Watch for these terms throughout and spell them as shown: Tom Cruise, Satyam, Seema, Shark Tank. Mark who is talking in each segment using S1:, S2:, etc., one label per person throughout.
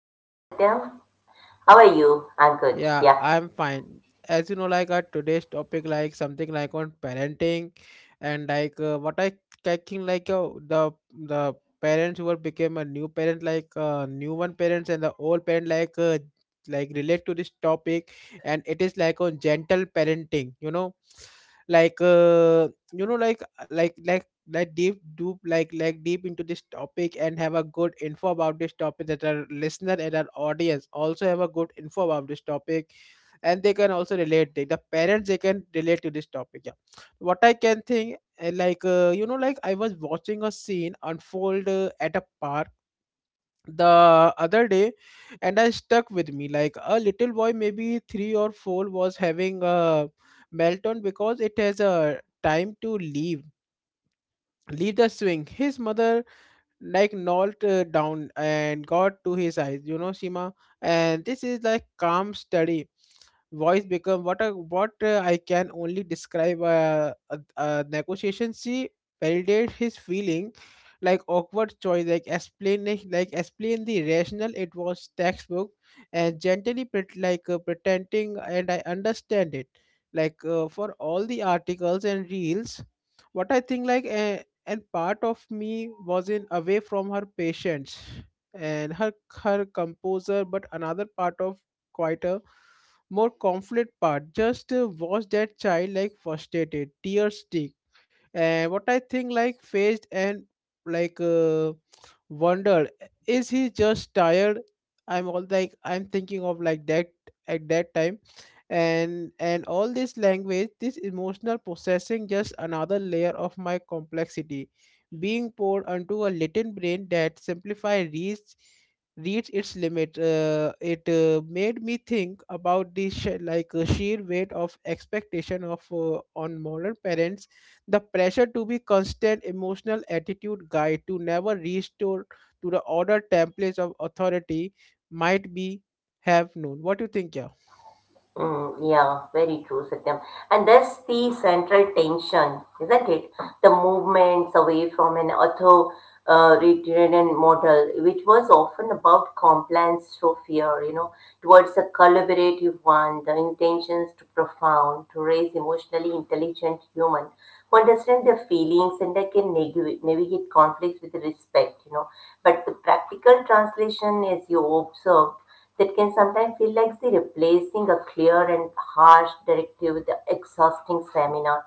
S1: Yeah, hi Satya. How are you? I'm good.
S2: Yeah
S1: Yeah.
S2: I am fine as you know like our today's topic like something like on parenting and like what I caking like the the parents who were became a new parent new one parents and the old parent like relate to this topic. And it is like on gentle parenting, like uh, you know like Let deep do like deep into this topic and have a good info about this topic, that our listener and our audience also have a good info about this topic, and they can also relate, the parents, they can relate to this topic, yeah. What I can think, I was watching a scene unfold at a park the other day, and I stuck with me, like a little boy maybe 3 or 4 was having a meltdown because it has a time to leave the swing. His mother like knelt down and got to his eyes, you know, Shima, and this is like calm steady voice become what a what I can only describe a negotiation. She validated his feeling like awkward choice, like explain, like explain the rationale. It was textbook and gently pretending, and I understand it for all the articles and reels. What I think, and part of me was in away from her patience and her, her composer. But another part of quieter, more conflict part, just watch that child like frustrated tears stick. And what I think like faced and, like uh, wondered, is he just tired? I'm all like I'm thinking of like that at that time, and all this language, this emotional processing, just another layer of my complexity being poured onto a latent brain that simplify reads its limit. It made me think about the sheer weight of expectation of on modern parents, the pressure to be constant emotional attitude guide, to never restore to the order templates of authority might be have known. What do you think, yeah?
S1: Mm, yeah, very true, Satyam. And that's the central tension, isn't it? The movements away from an authoritarian model, which was often about compliance through fear, you know, towards a collaborative one, the intentions to profound, to raise emotionally intelligent human who understand their feelings and that can navigate conflicts with respect, you know. But the practical translation, as you observed, that can sometimes feel like see, replacing a clear and harsh directive with an exhausting seminar.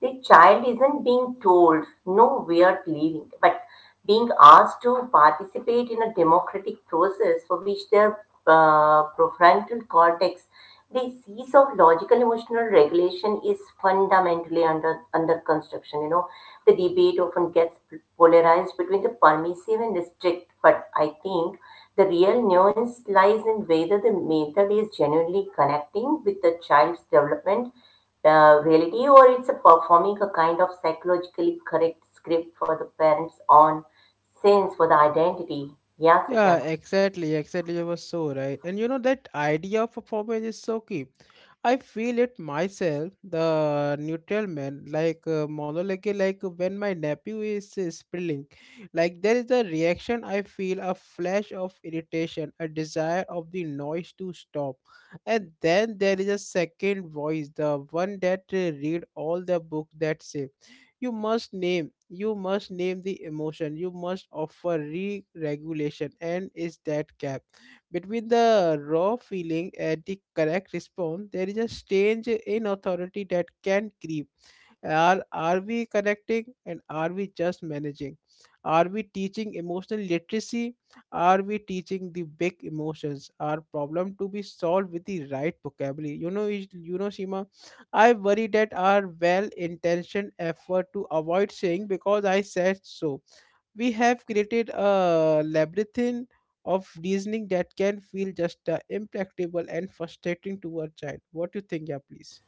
S1: The child isn't being told no weird leaving, but being asked to participate in a democratic process for which their prefrontal cortex, the seas of logical emotional regulation, is fundamentally under construction. You know, the debate often gets polarized between the permissive and the strict, but I think the real nuance lies in whether the method is genuinely connecting with the child's development reality or it's a performing a kind of psychologically correct script for the parents on sense for the identity. Yeah,
S2: Yeah,
S1: Satyam.
S2: exactly, exactly. You were so right. And you know, that idea of performance is so key. I feel it myself, the neutral man, monologue, when my nephew is spilling, like there is a reaction. I feel a flash of irritation, a desire of the noise to stop, and then there is a second voice, the one that read all the book that say, you must name the emotion, you must offer re-regulation, and is that cap? Between the raw feeling and the correct response, there is a strange inauthority that can creep. Are we connecting, and are we just managing? Are we teaching emotional literacy? Are we teaching the big emotions? Are problem to be solved with the right vocabulary? You know, you know, Seema, I worry that our well-intentioned effort to avoid saying because I said so, we have created a labyrinth of reasoning that can feel just impractical and frustrating to a child. What do you think, yeah, please?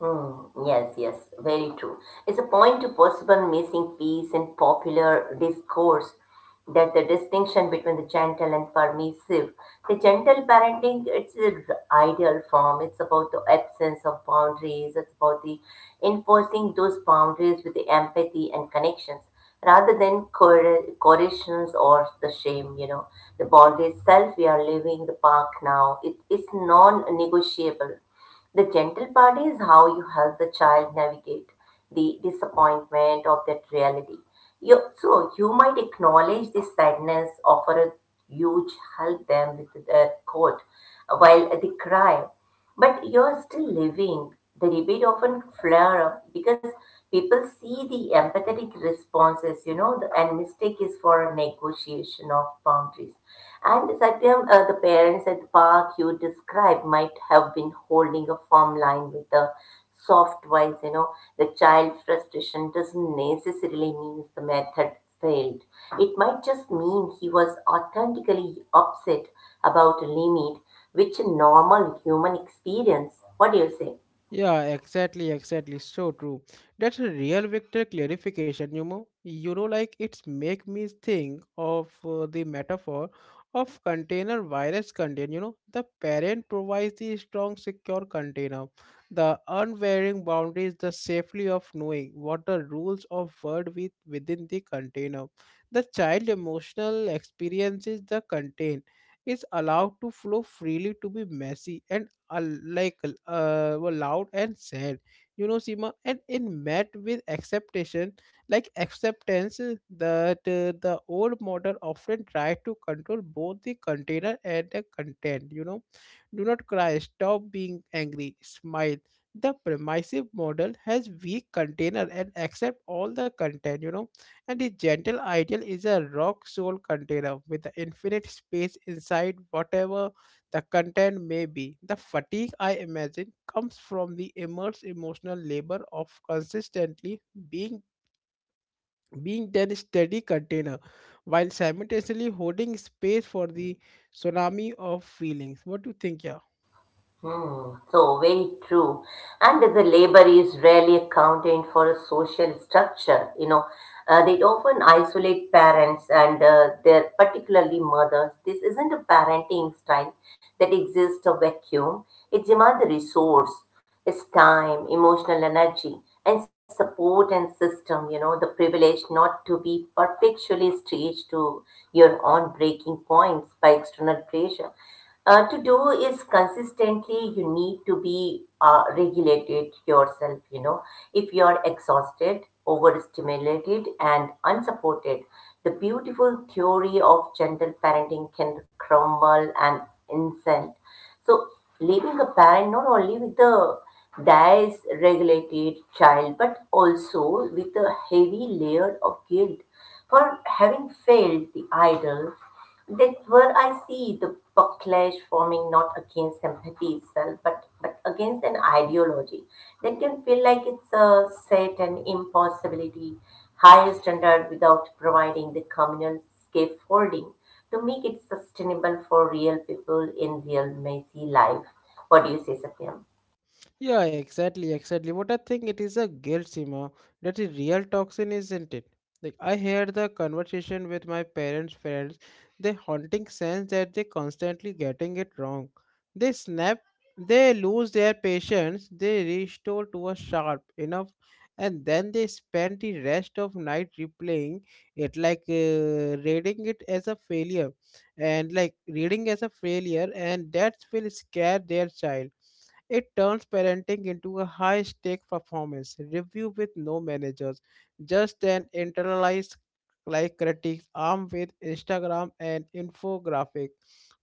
S1: Hmm, yes, yes, very true. It's a point to postpone missing piece in popular discourse that the distinction between the gentle and permissive. The gentle parenting, it's the ideal form. It's about the absence of boundaries. It's about the enforcing those boundaries with the empathy and connections rather than coercions or the shame, you know. The boundary itself, we are leaving the park now. It is non-negotiable. The gentle part is how you help the child navigate the disappointment of that reality. So you might acknowledge the sadness, offer a huge help them with their coat while they cry, but you're still living. The debate often flare up because people see the empathetic responses, you know, and mistake is for a negotiation of boundaries. And Satyam, the parents at the park you described might have been holding a firm line with a soft voice, you know, the child frustration doesn't necessarily mean the method failed. It might just mean he was authentically upset about a limit, which a normal human experience. What do you say?
S2: Yeah, exactly, exactly. So true. That's a real vector clarification, you know. You know, like it's make me think of the metaphor of container virus contain. You know, the parent provides the strong, secure container, the unwavering boundaries, the safely of knowing what the rules of world with within the container. The child emotional experiences the contain is allowed to flow freely, to be messy and uh, like were loud and sad, you know, Sima. And it met with acceptation, like acceptance, that the old model often tried to control both the container and the content, you know. Do not cry, stop being angry, smile. The permissive model has weak container and accept all the content, you know. And the gentle ideal is a rock soul container with the infinite space inside, whatever the content may be. The fatigue I imagine comes from the immense emotional labor of consistently being being that steady container while simultaneously holding space for the tsunami of feelings. What do you think, yeah?
S1: Hmm, so very true. And the labor is rarely accounted for a social structure. You know, they often isolate parents and their particularly mothers. This isn't a parenting style that exists a vacuum. It demands a resource, its time, emotional energy, and support and system. You know, the privilege not to be perpetually stretched to your own breaking points by external pressure to do is consistently you need to be regulated yourself, you know. If you are exhausted, overstimulated and unsupported, the beautiful theory of gentle parenting can crumble and insult, so leaving a parent not only with a dysregulated child but also with a heavy layer of guilt for having failed the idol, that's where I see the backlash forming not against empathy itself, but against an ideology that can feel like it's a set and impossibility, higher standard without providing the communal scaffolding to make it sustainable for real people in real messy life. What do you say, Satyam?
S2: Yeah, exactly, exactly. What I think, it is a guilt, Sima. That's a real toxin, isn't it? Like I heard the conversation with my parents' friends, the haunting sense that they constantly getting it wrong. They snap, they lose their patience, they restore to a sharp enough, and then they spend the rest of night replaying it, reading it as a failure, and like reading as a failure, and that will scare their child. It turns parenting into a high stake performance review with no managers, just an internalized like critique armed with Instagram and infographic.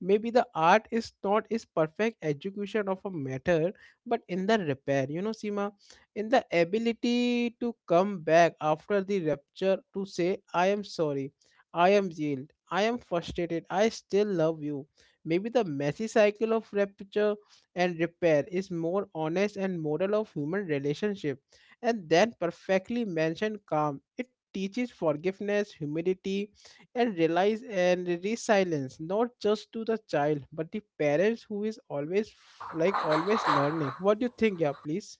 S2: Maybe the art is not is perfect execution of a matter, but in the repair, you know, Sima, in the ability to come back after the rupture to say, I am sorry, I am healed, I am frustrated, I still love you. Maybe the messy cycle of rupture and repair is more honest and moral of human relationship, and then perfectly mentioned calm. It teaches forgiveness, humility, and realize and resilience, not just to the child but the parents who is always always learning. What do you think, yeah, please?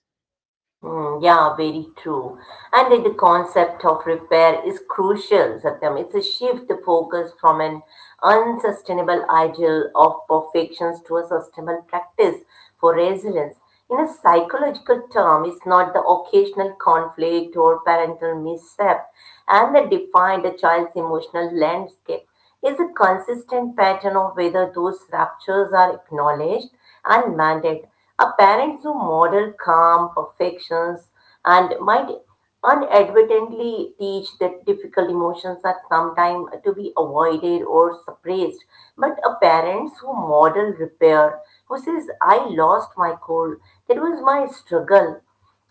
S1: Mm, yeah, very true. And the concept of repair is crucial, Satyam. It's a shift the focus from an unsustainable ideal of perfections to a sustainable practice for resilience. In a psychological term, it's not the occasional conflict or parental misstep and that define a child's emotional landscape. It's a consistent pattern of whether those ruptures are acknowledged and mandate are parents who model calm perfections and might unadvertently teach that difficult emotions are sometimes to be avoided or suppressed. But a parents who model repair, who says, I lost my cool, that was my struggle.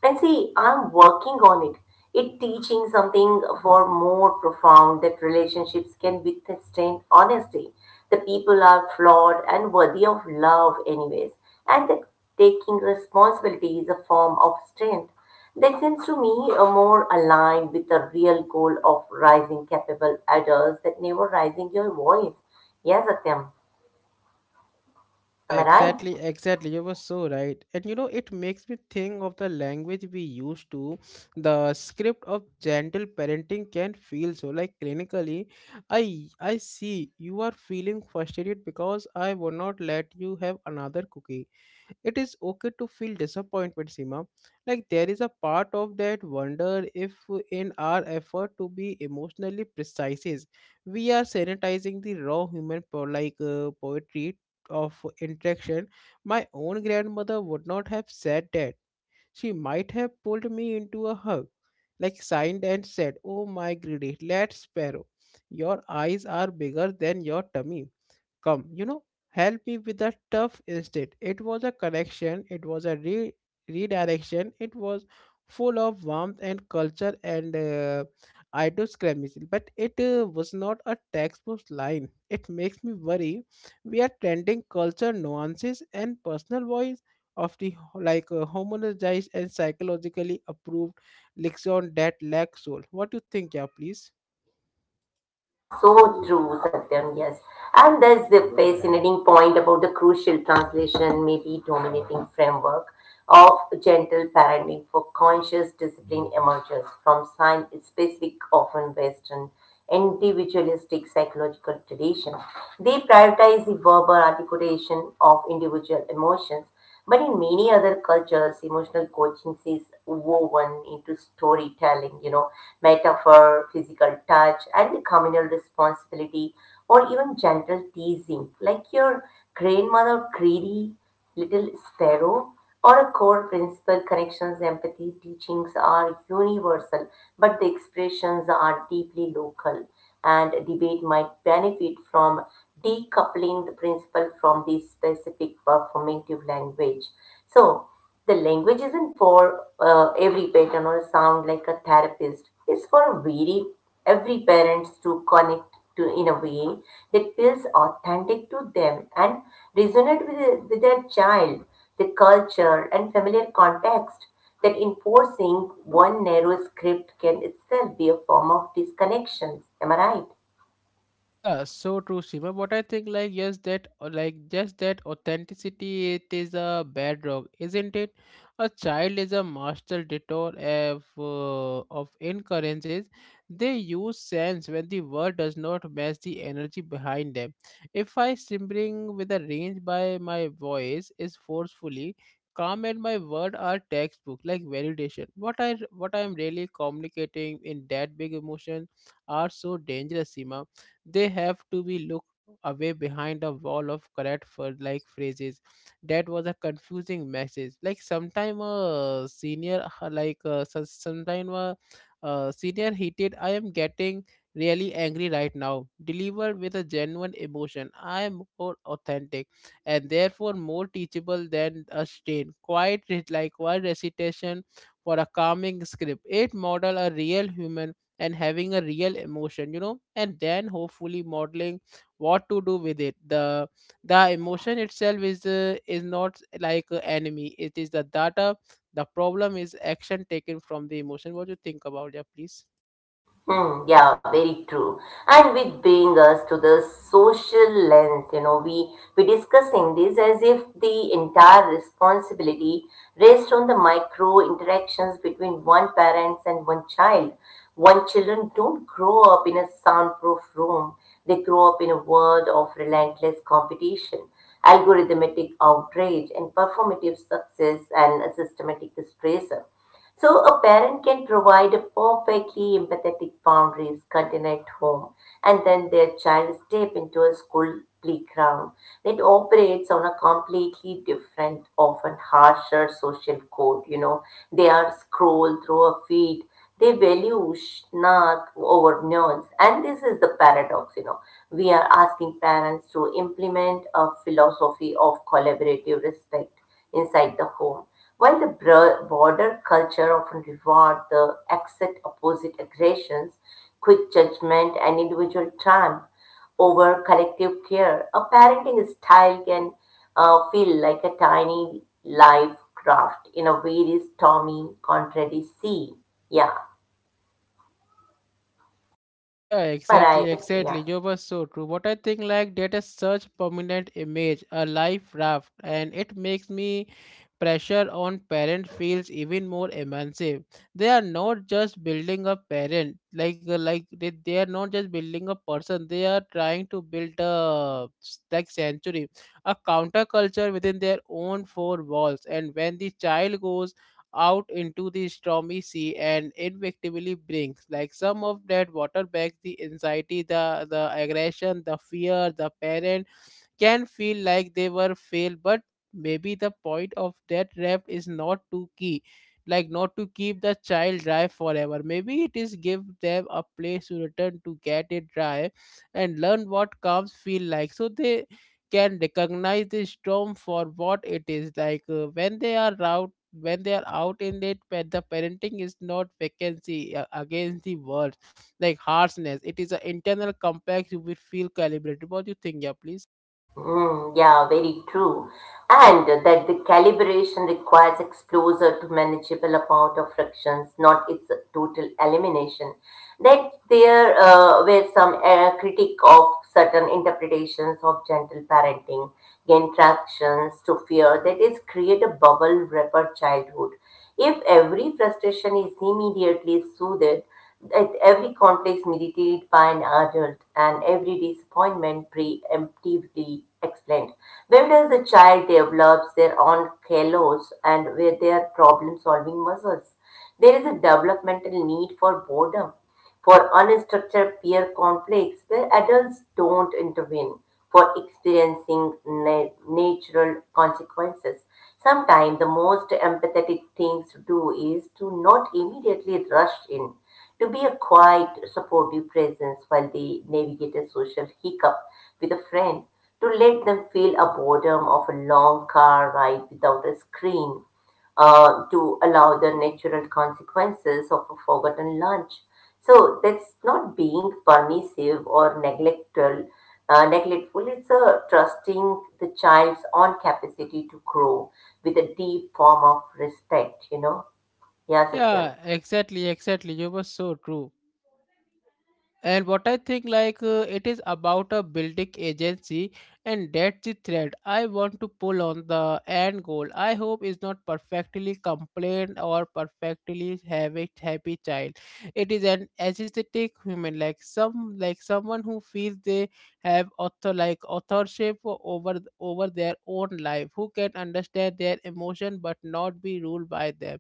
S1: And see, I'm working on it. It teaching something for more profound that relationships can withstand honesty. The people are flawed and worthy of love anyways. And that taking responsibility is a form of strength. That seems to me a more aligned with the real goal of rising capable adults that never rising your voice. Yes, Satyam,
S2: Yeah,
S1: am I right?
S2: exactly, exactly. You were so right. And you know, it makes me think of the language we used to. The script of gentle parenting can feel so like clinically. I see you are feeling frustrated because I would not let you have another cookie. It is okay to feel disappointment, Seema. Like there is a part of that wonder if, in our effort to be emotionally precise, we are sanitizing the raw human poetry of interaction. My own grandmother would not have said that. She might have pulled me into a hug, like signed and said, "Oh my greedy, let's sparrow. Your eyes are bigger than your tummy." Come, you know, help me with the stuff instead. It was a connection, it was a redirection, it was full of warmth and culture and idiosyncrasy, but it was not a textbook line. It makes me worry we are trending culture nuances and personal voice of the homogenized and psychologically approved lexicon that lack soul. What do you think, yeah, please?
S1: So true, Satyam, yes. And there's the fascinating point about the crucial translation, maybe dominating framework of gentle parenting for conscious discipline emerges from sign specific, often Western, individualistic psychological tradition. They prioritize the verbal articulation of individual emotions but in many other cultures, emotional coaching is woven into storytelling, you know, metaphor, physical touch, and communal responsibility, or even gentle teasing, like your grandmother greedy little sparrow or a core principle connections empathy teachings are universal but the expressions are deeply local and debate might benefit from decoupling the principle from the specific performative language. So the language isn't for every pattern or sound like a therapist, it's for a very every parents to connect to in a way that feels authentic to them and resonate with, with their child, the culture and familiar context that enforcing one narrow script can itself be a form of disconnection. Am I right?
S2: Yeah, so true, Seema. But I think like yes, that like just that authenticity, it is a bedrock, isn't it? A child is a master dictator of incoherences. They use sense when the word does not match the energy behind them. If I simmering with a range by my voice is forcefully calm and my word are textbook like validation. What I am really communicating in that big emotion are so dangerous, Seema, they have to be looked away behind a wall of correct for like phrases. That was a confusing message. Like sometime a senior, sometime a senior heated, I am getting really angry right now, delivered with a genuine emotion, I am more authentic and therefore more teachable than a strain quite one recitation for a calming script. It model a real human and having a real emotion, you know, and then hopefully modeling what to do with it. The emotion itself is not like an enemy, it is the data. The problem is action taken from the emotion. What do you think about that, please?
S1: Hmm, yeah, very true. And which bring us to the social lens. You know, we discussing this as if the entire responsibility rests on the micro interactions between one parents and one child. One children don't grow up in a soundproof room. They grow up in a world of relentless competition, algorithmic outrage, and performative success and a systematic stress. So, a parent can provide a perfectly empathetic boundaries container at home, and then their child step into a school playground that operates on a completely different, often harsher social code. You know, they are scroll through a feed. They value snark over nuance, and this is the paradox. You know, we are asking parents to implement a philosophy of collaborative respect inside the home. While the broader culture often reward the exact opposite aggressions, quick judgment, and individual triumph over collective care, a parenting style can feel like a tiny life craft in a very stormy, contrary sea. Yeah,
S2: Yeah,
S1: am I
S2: exactly,
S1: right? Yeah.
S2: exactly. You were so true. What I think like that is such permanent image, a life raft, and it makes me pressure on parents feels even more immersive. They are not just building a parent, they are not just building a person. They are trying to build a century, a counterculture within their own four walls. And when the child goes out into the stormy sea and inevitably brings like some of that water back, the anxiety, the aggression, the fear, the parent can feel like they were failed. But maybe the point of that raft is not to key like not to keep the child dry forever. Maybe it is give them a place to return to, get it dry and learn what calms feel like, so they can recognize the storm for what it is, when they are out, when they are out in it. When the parenting is not vacancy against the world like harshness, it is an internal compact you will feel calibrated. What do you think, yeah, please?
S1: Mm, yeah, very true. And that the calibration requires exposure to manageable amount of frictions, not its total elimination. That there were some critique of certain interpretations of gentle parenting gain tractions to fear that is create a bubble wrapper childhood. If every frustration is immediately soothed, at every conflict mediated by an adult, and every disappointment preemptively explained, where does the child develops their own kalos and where their problem solving muscles? There is a developmental need for boredom, for unstructured peer conflicts where adults don't intervene, for experiencing natural consequences. Sometimes the most empathetic things to do is to not immediately rush in, to be a quiet, supportive presence while they navigate a social hiccup with a friend, to let them feel a boredom of a long car ride without a screen, to allow the natural consequences of a forgotten lunch. So that's not being permissive or neglectful. Neglectful. It's a trusting the child's own capacity to grow with a deep form of respect. You know. Yeah, Satyam.
S2: Yeah, exactly, exactly. You were so true. And what I think, it is about a building agency, and that's the thread I want to pull on. The end goal, I hope, is not perfectly complained or perfectly have a happy child. It is an aesthetic human, like someone who feels they have authorship over their own life, who can understand their emotion but not be ruled by them,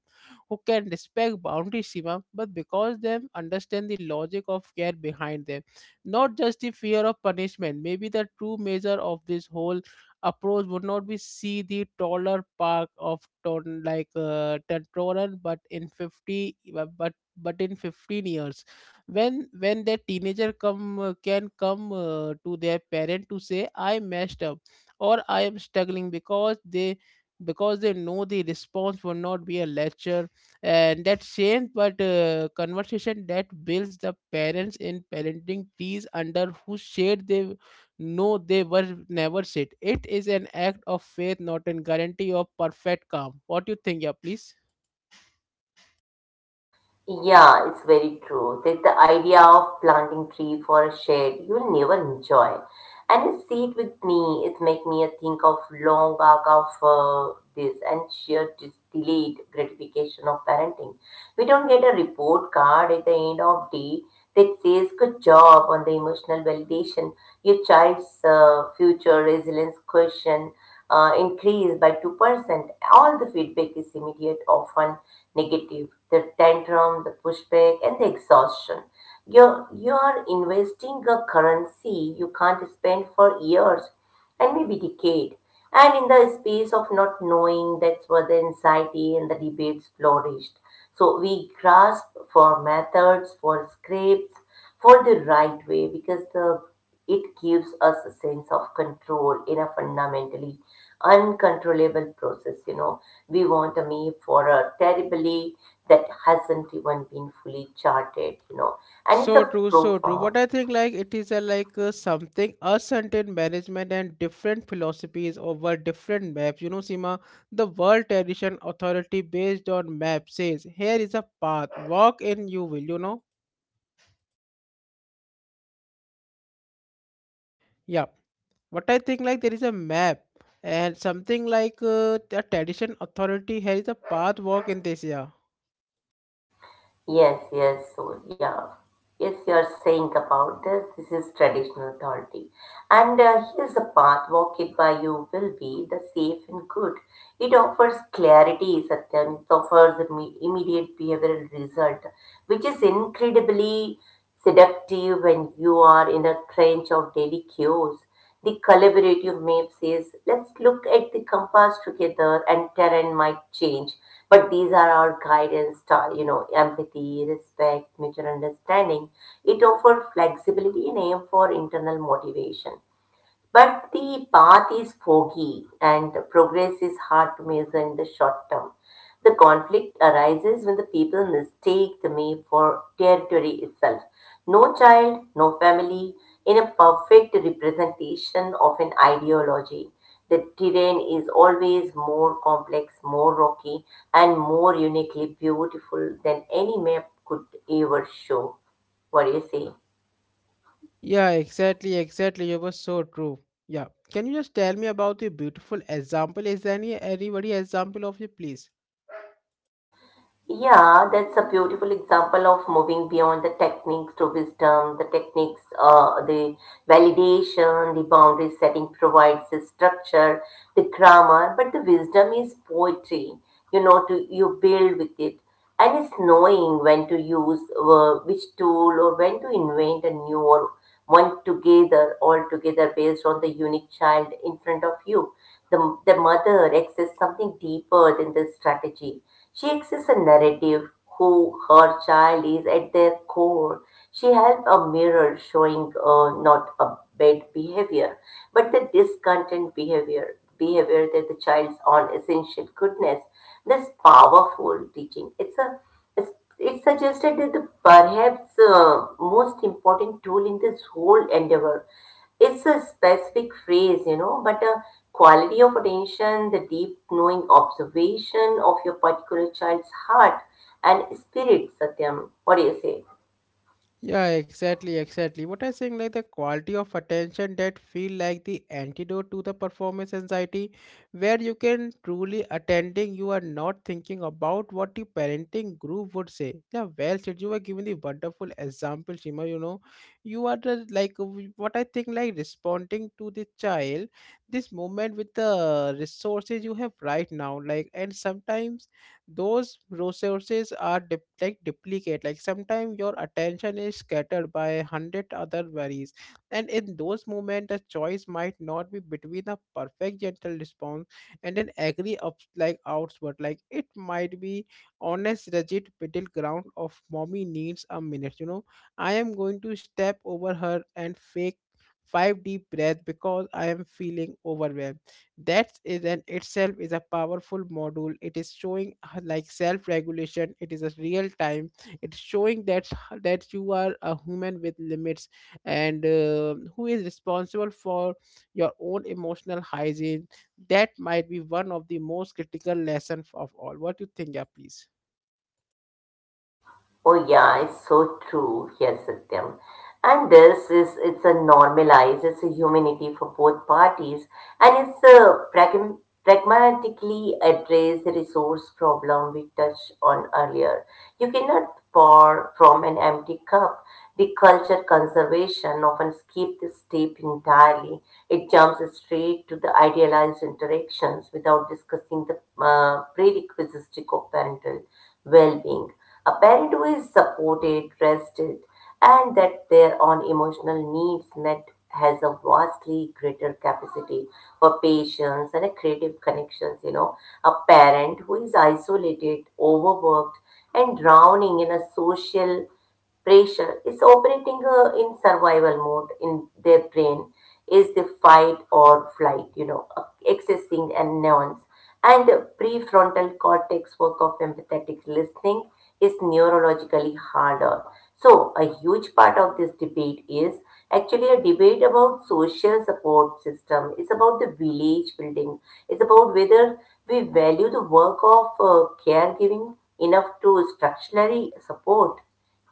S2: who can respect boundary, Shima, but because them understand the logic of care behind them, not just the fear of punishment. Maybe the true measure of this whole approach would not be see the taller park of ton Tentoran, but in fifty, but in 15 years, when their teenager come can come to their parent to say, I messed up, or I am struggling, because they know the response will not be a lecture and that same but conversation that builds the parents in parenting trees under whose shade they know they were never sit. It is an act of faith, not a guarantee of perfect calm. What do you think? Yeah, please.
S1: Yeah, it's very true. That the idea of planting tree for a shade you'll never enjoy. And you see it with me, it make me think of long arc of this and sheer delayed gratification of parenting. We don't get a report card at the end of day that says good job on the emotional validation, your child's future resilience question increase by 2%. All the feedback is immediate, often negative. The tantrum, the pushback, and the exhaustion. You're investing a currency you can't spend for years and maybe decade. And in the space of not knowing, that's where the anxiety and the debates flourished. So we grasp for methods, for scripts, for the right way, because the it gives us a sense of control in a fundamentally uncontrollable process, you know. We want a meal for a terribly that hasn't even been fully charted, you know, and it's
S2: So
S1: a
S2: true, so true. What
S1: profound.
S2: I think, like it is a like something us and management and different philosophies over different maps. You know, Sima, the World Tradition Authority based on map says, here is a path. Walk in, you will. You know, yeah. What I think, like there is a map and something the tradition authority. Here is a path, walk in this year.
S1: Yes, yes, so yeah. Yes, you are saying about this. This is traditional authority. And here's the path walked by you will be the safe and good. It offers clarity, Satyam. It offers immediate behavioral result, which is incredibly seductive when you are in a trench of daily cues. The collaborative map says, let's look at the compass together and terrain might change. But these are our guidance, style, you know, empathy, respect, mutual understanding. It offers flexibility and aim for internal motivation. But the path is foggy and progress is hard to measure in the short term. The conflict arises when the people mistake the map for territory itself. No child, no family, in a perfect representation of an ideology. The terrain is always more complex, more rocky, and more uniquely beautiful than any map could ever show. What do you say?
S2: Yeah, exactly, exactly. You were so true. Yeah. Can you just tell me about the beautiful example? Is there any anybody example of you, please?
S1: Yeah, that's a beautiful example of moving beyond the techniques to wisdom. The techniques, the validation, the boundary setting provides the structure, the grammar, but the wisdom is poetry. You know, to you build with it, and it's knowing when to use which tool or when to invent a new or one together all together based on the unique child in front of you. The the mother access something deeper than the strategy, she exists a narrative who her child is at their core. She held a mirror showing not a bad behavior, but the discontent behavior, behavior that the child's own essential goodness. This powerful teaching. It's, it's suggested that the perhaps most important tool in this whole endeavor it's a specific phrase, you know, but a quality of attention, the deep knowing observation of your particular child's heart and spirit, Satyam. What do you say?
S2: Yeah, exactly, exactly. What I'm saying, like the quality of attention, that feel like the antidote to the performance anxiety, where you can truly attending, you are not thinking about what the parenting group would say. Yeah, well said. You were given the wonderful example, Shima. You know, you are the, what I think, like responding to the child, this moment with the resources you have right now, like. And sometimes those resources are duplicate, like sometimes your attention is scattered by a hundred other worries, and in those moments the choice might not be between a perfect gentle response and an angry up like outward, like it might be honest rigid middle ground of mommy needs a minute. You know, I am going to step over her and fake five deep breath because I am feeling overwhelmed. That is in itself is a powerful module. It is showing like self regulation. It is a real time, it's showing that you are a human with limits and who is responsible for your own emotional hygiene. That might be one of the most critical lessons of all. What do you think? Yeah, please.
S1: Oh yeah, it's so true. Yes, Satyam. And this is it's a normalized, it's a humanity for both parties, and it's a pragmatically address the resource problem we touched on earlier. You cannot pour from an empty cup. The culture conservation often skip this step entirely. It jumps straight to the idealized interactions without discussing the prerequisites of parental well-being, a parent who is supported, rested, and that their own emotional needs met has a vastly greater capacity for patience and a creative connections, you know. A parent who is isolated, overworked, and drowning in a social pressure is operating in survival mode in their brain is the fight or flight, you know, accessing and neurons and the prefrontal cortex work of empathetic listening is neurologically harder. So a huge part of this debate is actually a debate about social support system. It's about the village building. It's about whether we value the work of caregiving enough to structurally support,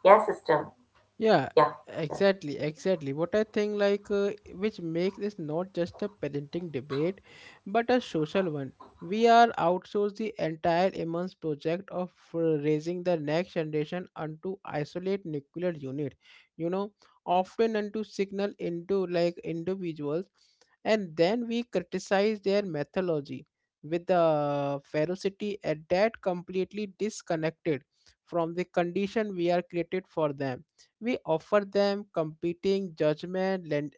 S1: yeah, system.
S2: Yeah,
S1: Yeah, system.
S2: exactly, exactly. What I think, which makes this not just a parenting debate, but a social one. We are outsourced the entire immense project of raising the next generation unto isolate nuclear unit, you know, often unto signal into like individuals, and then we criticize their methodology with the ferocity at that completely disconnected from the condition we are created for them. We offer them competing judgment,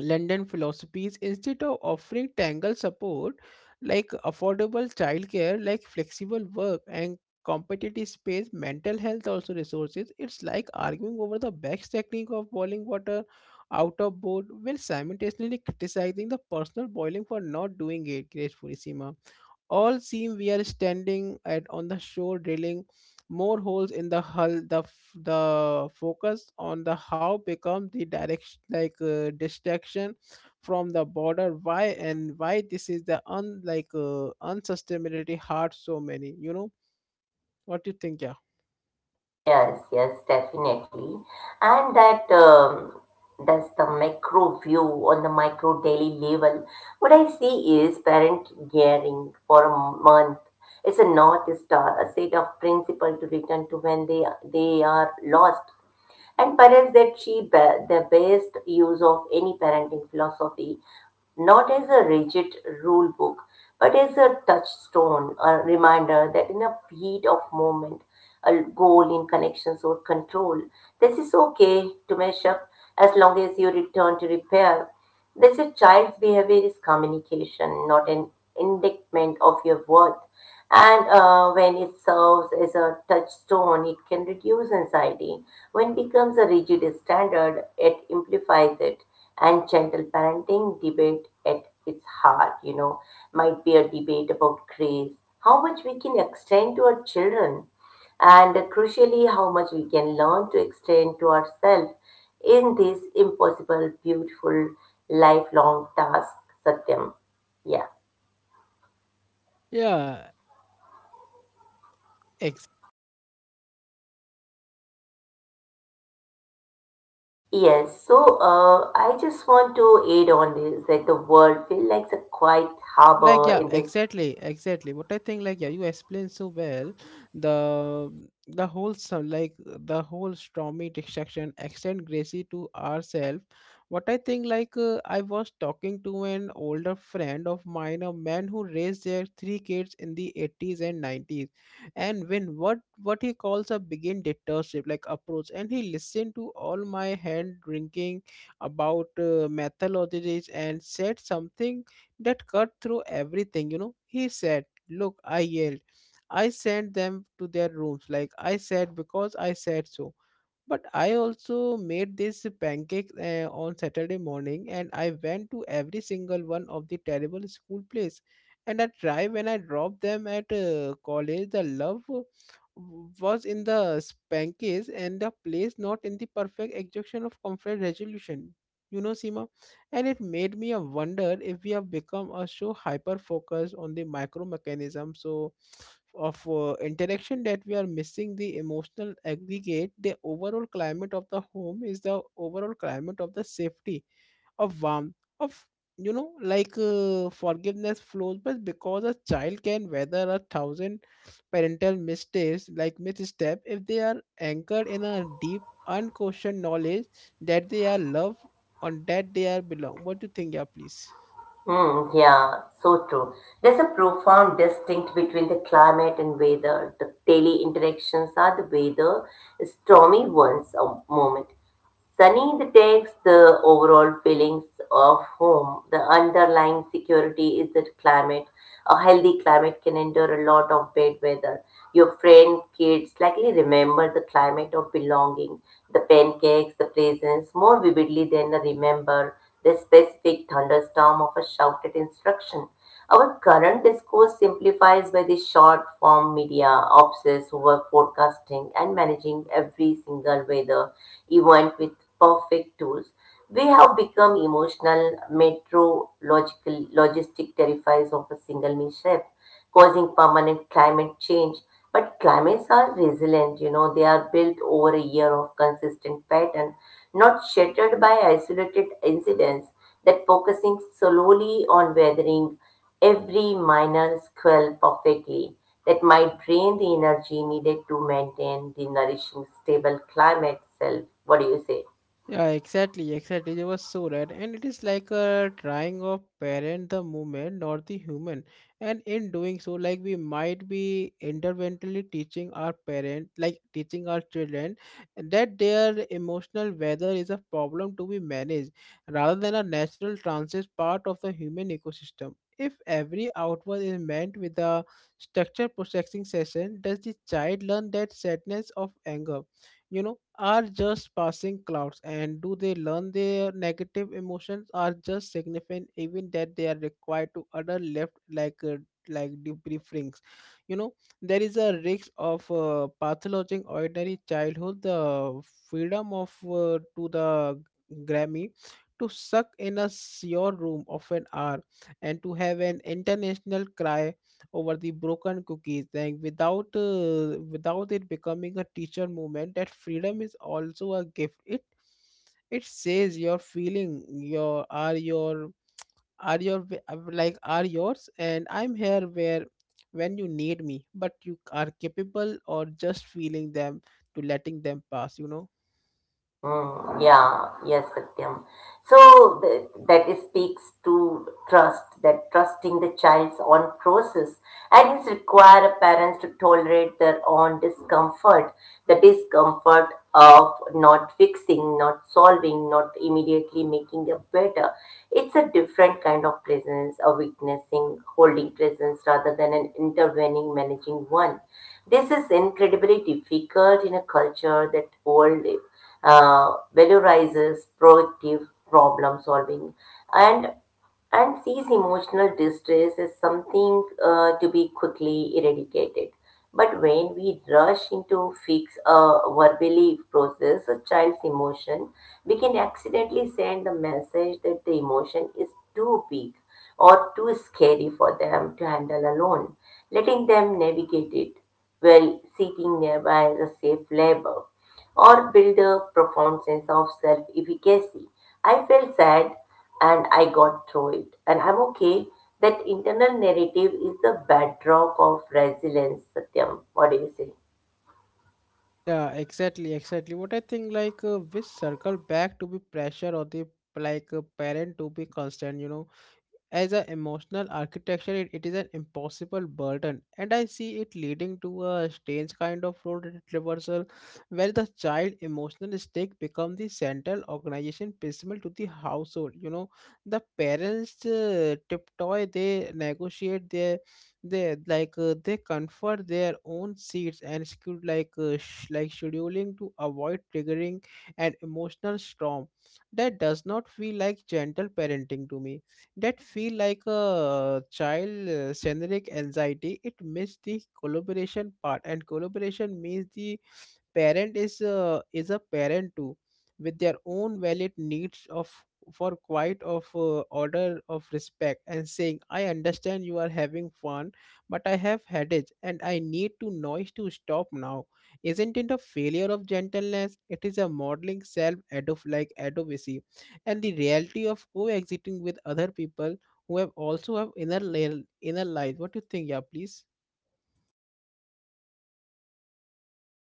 S2: London philosophies instead of offering tangled support, like affordable childcare, like flexible work and competitive space, mental health also resources. It's like arguing over the best technique of boiling water out of board while simultaneously criticizing the personal boiling for not doing it gracefully, Seema. All seem we are standing at on the shore drilling more holes in the hull. The focus on the how become the direction like distraction from the border. Why, and why this is the un like unsustainability hard so many. You know what you think? Yeah.
S1: Yes, yes, definitely. And that's the macro view on the micro daily level. What I see is parent gearing for a month. It's a north star, a set of principle to return to when they are lost. And parents that see the best use of any parenting philosophy not as a rigid rule book, but as a touchstone, a reminder that in a heat of moment, a goal in connections or control, this is okay to mess up as long as you return to repair. This is child's behavior is communication, not an indictment of your worth. And when it serves as a touchstone, it can reduce anxiety, when becomes a rigid standard, it amplifies it. And gentle parenting debate at its heart, you know, might be a debate about grace, how much we can extend to our children, and crucially, how much we can learn to extend to ourselves in this impossible, beautiful, lifelong task, Satyam. Yeah.
S2: Yeah,
S1: Yes, so I just want to add on this that the world feels like a quiet
S2: like, yeah,
S1: harbor in this.
S2: exactly, exactly. What I think, like, yeah, you explained so well. The the whole so, like the whole stormy distraction, extend gracie to ourselves. What I think, I was talking to an older friend of mine, a man who raised their three kids in the 80s and 90s, and when what he calls a begin dictatorship like approach, and he listened to all my hand drinking about methodologies and said something that cut through everything, you know. He said, look, I yelled. I sent them to their rooms, like I said, because I said so. But I also made this pancake on Saturday morning, and I went to every single one of the terrible school plays. And I tried when I dropped them at college, the love was in the pancakes and the place, not in the perfect execution of conflict resolution. You know, Seema? And it made me a wonder if we have become a so hyper focused on the micro mechanism so of interaction that we are missing the emotional aggregate. The overall climate of the home is the overall climate of the safety, of warmth, of, you know, forgiveness flows, but because a child can weather a thousand parental mistakes, like misstep, if they are anchored in a deep, unquestioned knowledge that they are loved, on that they are belong. What do you think? Yeah, please?
S1: Hmm, yeah, so true. There's a profound distinct between the climate and weather. The daily interactions are the weather, stormy ones, a moment. Sunny detects the overall feelings of home. The underlying security is that climate, a healthy climate can endure a lot of bad weather. Your friend, kids likely remember the climate of belonging, the pancakes, the presents more vividly than they remember the specific thunderstorm of a shouted instruction. Our current discourse simplifies by the short form media obsessed over forecasting and managing every single weather event with perfect tools. We have become emotional, meteorological, logistic terrifies of a single mishap, causing permanent climate change. But climates are resilient, you know, they are built over a year of consistent pattern, not shattered by isolated incidents that focusing solely on weathering every minor squirrel perfectly. That might drain the energy needed to maintain the nourishing, stable climate itself. What do you say?
S2: Yeah, exactly, exactly. They were so right, and it is like a trying of parent the movement, not the human. And in doing so, like we might be interventionally teaching our parent, like teaching our children, that their emotional weather is a problem to be managed, rather than a natural transit part of the human ecosystem. If every outward is meant with a structured processing session, does the child learn that sadness of anger? You know, are just passing clouds, and do they learn their negative emotions are just significant even that they are required to other left like debriefings, you know. There is a risk of pathologizing ordinary childhood, the freedom of to the grammy, to suck in a your room of an hour, and to have an international cry over the broken cookies thing without it becoming a teacher movement. That freedom is also a gift. It says, your feeling your are your are your w- uh, are yours, and I'm here where when you need me, but you are capable or just feeling them, to letting them pass, you know.
S1: Mm, yeah, yes, Satyam. So that is speaks to trust, that trusting the child's own process, and it's require parents to tolerate their own discomfort, the discomfort of not fixing, not solving, not immediately making it better. It's a different kind of presence, a witnessing, holding presence rather than an intervening, managing one. This is incredibly difficult in a culture that world valorizes proactive problem solving and and sees emotional distress as something to be quickly eradicated. But when we rush into fix a verbally process a child's emotion, we can accidentally send the message that the emotion is too big or too scary for them to handle alone, letting them navigate it while seeking nearby as a safe labor or build a profound sense of self efficacy. I felt sad and I got through it, and I'm okay. That internal narrative is the bedrock of resilience, Satyam. What do you say?
S2: Yeah, exactly, exactly. What I think, which circle back to be pressure or the, like a parent to be constant, you know, as an emotional architecture. It is an impossible burden, and I see it leading to a strange kind of reversal where the child emotional stake become the central organization principle to the household. You know, the parents tiptoe, they negotiate their, they they comfort their own seats and schedule scheduling to avoid triggering an emotional storm. That does not feel like gentle parenting to me. That feel like a child generic anxiety. It missed the collaboration part, and collaboration means the parent is a parent too, with their own valid needs of for quiet, of order, of respect, and saying, I understand you are having fun, but I have headache, and I need to noise to stop now. Isn't it a failure of gentleness? It is a modeling self adof like advocacy and the reality of coexisting with other people who have also have inner life. What do you think? Yeah, please.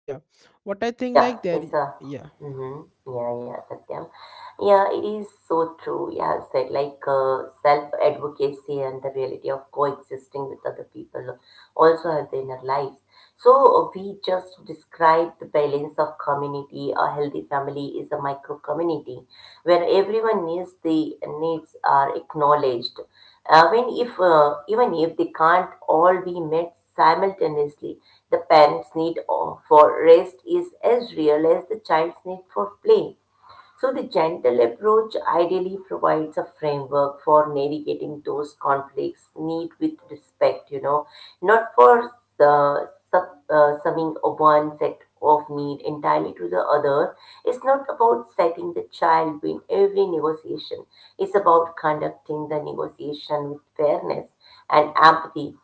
S2: Yeah. What I think, like
S1: Yeah,
S2: there,
S1: it's a
S2: yeah.
S1: mm-hmm, yeah, yeah, Satyam. Yeah, it is so true. You have said like self-advocacy and the reality of coexisting with other people also have their inner lives. So we just described the balance of community. A healthy family is a micro community where everyone needs the needs are acknowledged. When if even if they can't all be met simultaneously, the parents' need for rest is as real as the child's need for play. So, the gentle approach ideally provides a framework for navigating those conflicts, need with respect, you know, not for the sub, summing of one set of need entirely to the other. It's not about setting the child win every negotiation, it's about conducting the negotiation with fairness and empathy,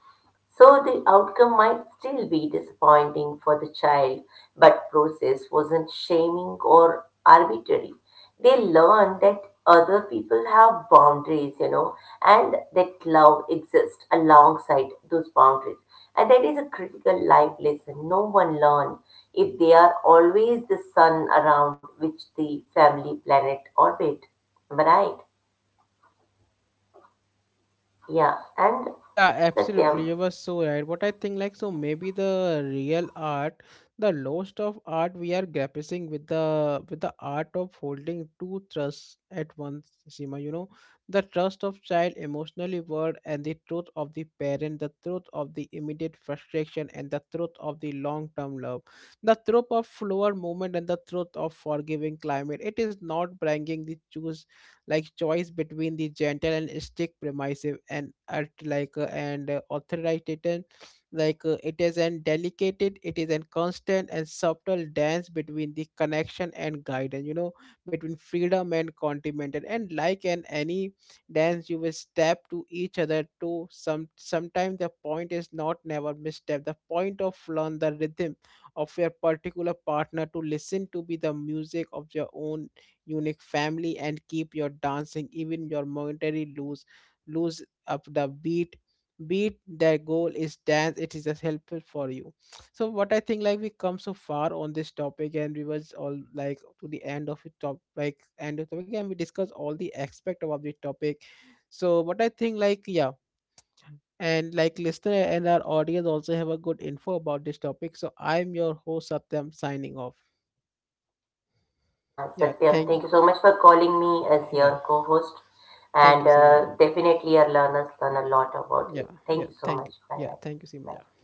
S1: so the outcome might still be disappointing for the child, but process wasn't shaming or arbitrary. They learned that other people have boundaries, you know, and that love exists alongside those boundaries. And that is a critical life lesson no one learns if they are always the sun around which the family planet orbit. Am I right? Yeah. And
S2: Yeah,
S1: Satyam.
S2: absolutely. You were so right. What I think, like, so maybe the real art, the lost of art, we are grappling with the art of holding two trusts at once, Seema. You know, the trust of child emotionally world and the truth of the parent, the truth of the immediate frustration and the truth of the long term love, the truth of flower movement and the truth of forgiving climate. It is not bringing the choose like choice between the gentle and strict, permissive and authoritarian. It is an delicate, it is a constant and subtle dance between the connection and guidance, you know, between freedom and continental. And like in any dance, you will step to each other to some sometimes. The point is not never misstep, the point of learn the rhythm of your particular partner, to listen to be the music of your own unique family, and keep your dancing even your momentary lose up the beat. The goal is dance, it is just helpful for you. So what I think, like we come so far on this topic, and we was all like to the end of it top, like end of topic, and we discuss all the aspect of the topic. So what I think, like, yeah. And like listener and our audience also have a good info about this topic. So I'm your host, Satyam, signing off.
S1: Yeah,
S2: yeah
S1: Satyam,
S2: thank
S1: thank you so much for calling me as
S2: yeah,
S1: your co-host,
S2: thank
S1: and
S2: you, Simaya.
S1: definitely our learners learn a lot about it.
S2: Yeah,
S1: Thank
S2: yeah.
S1: you so
S2: Thank
S1: much.
S2: you.
S1: Bye
S2: Yeah,
S1: bye.
S2: thank you,
S1: Bye.
S2: Simaja.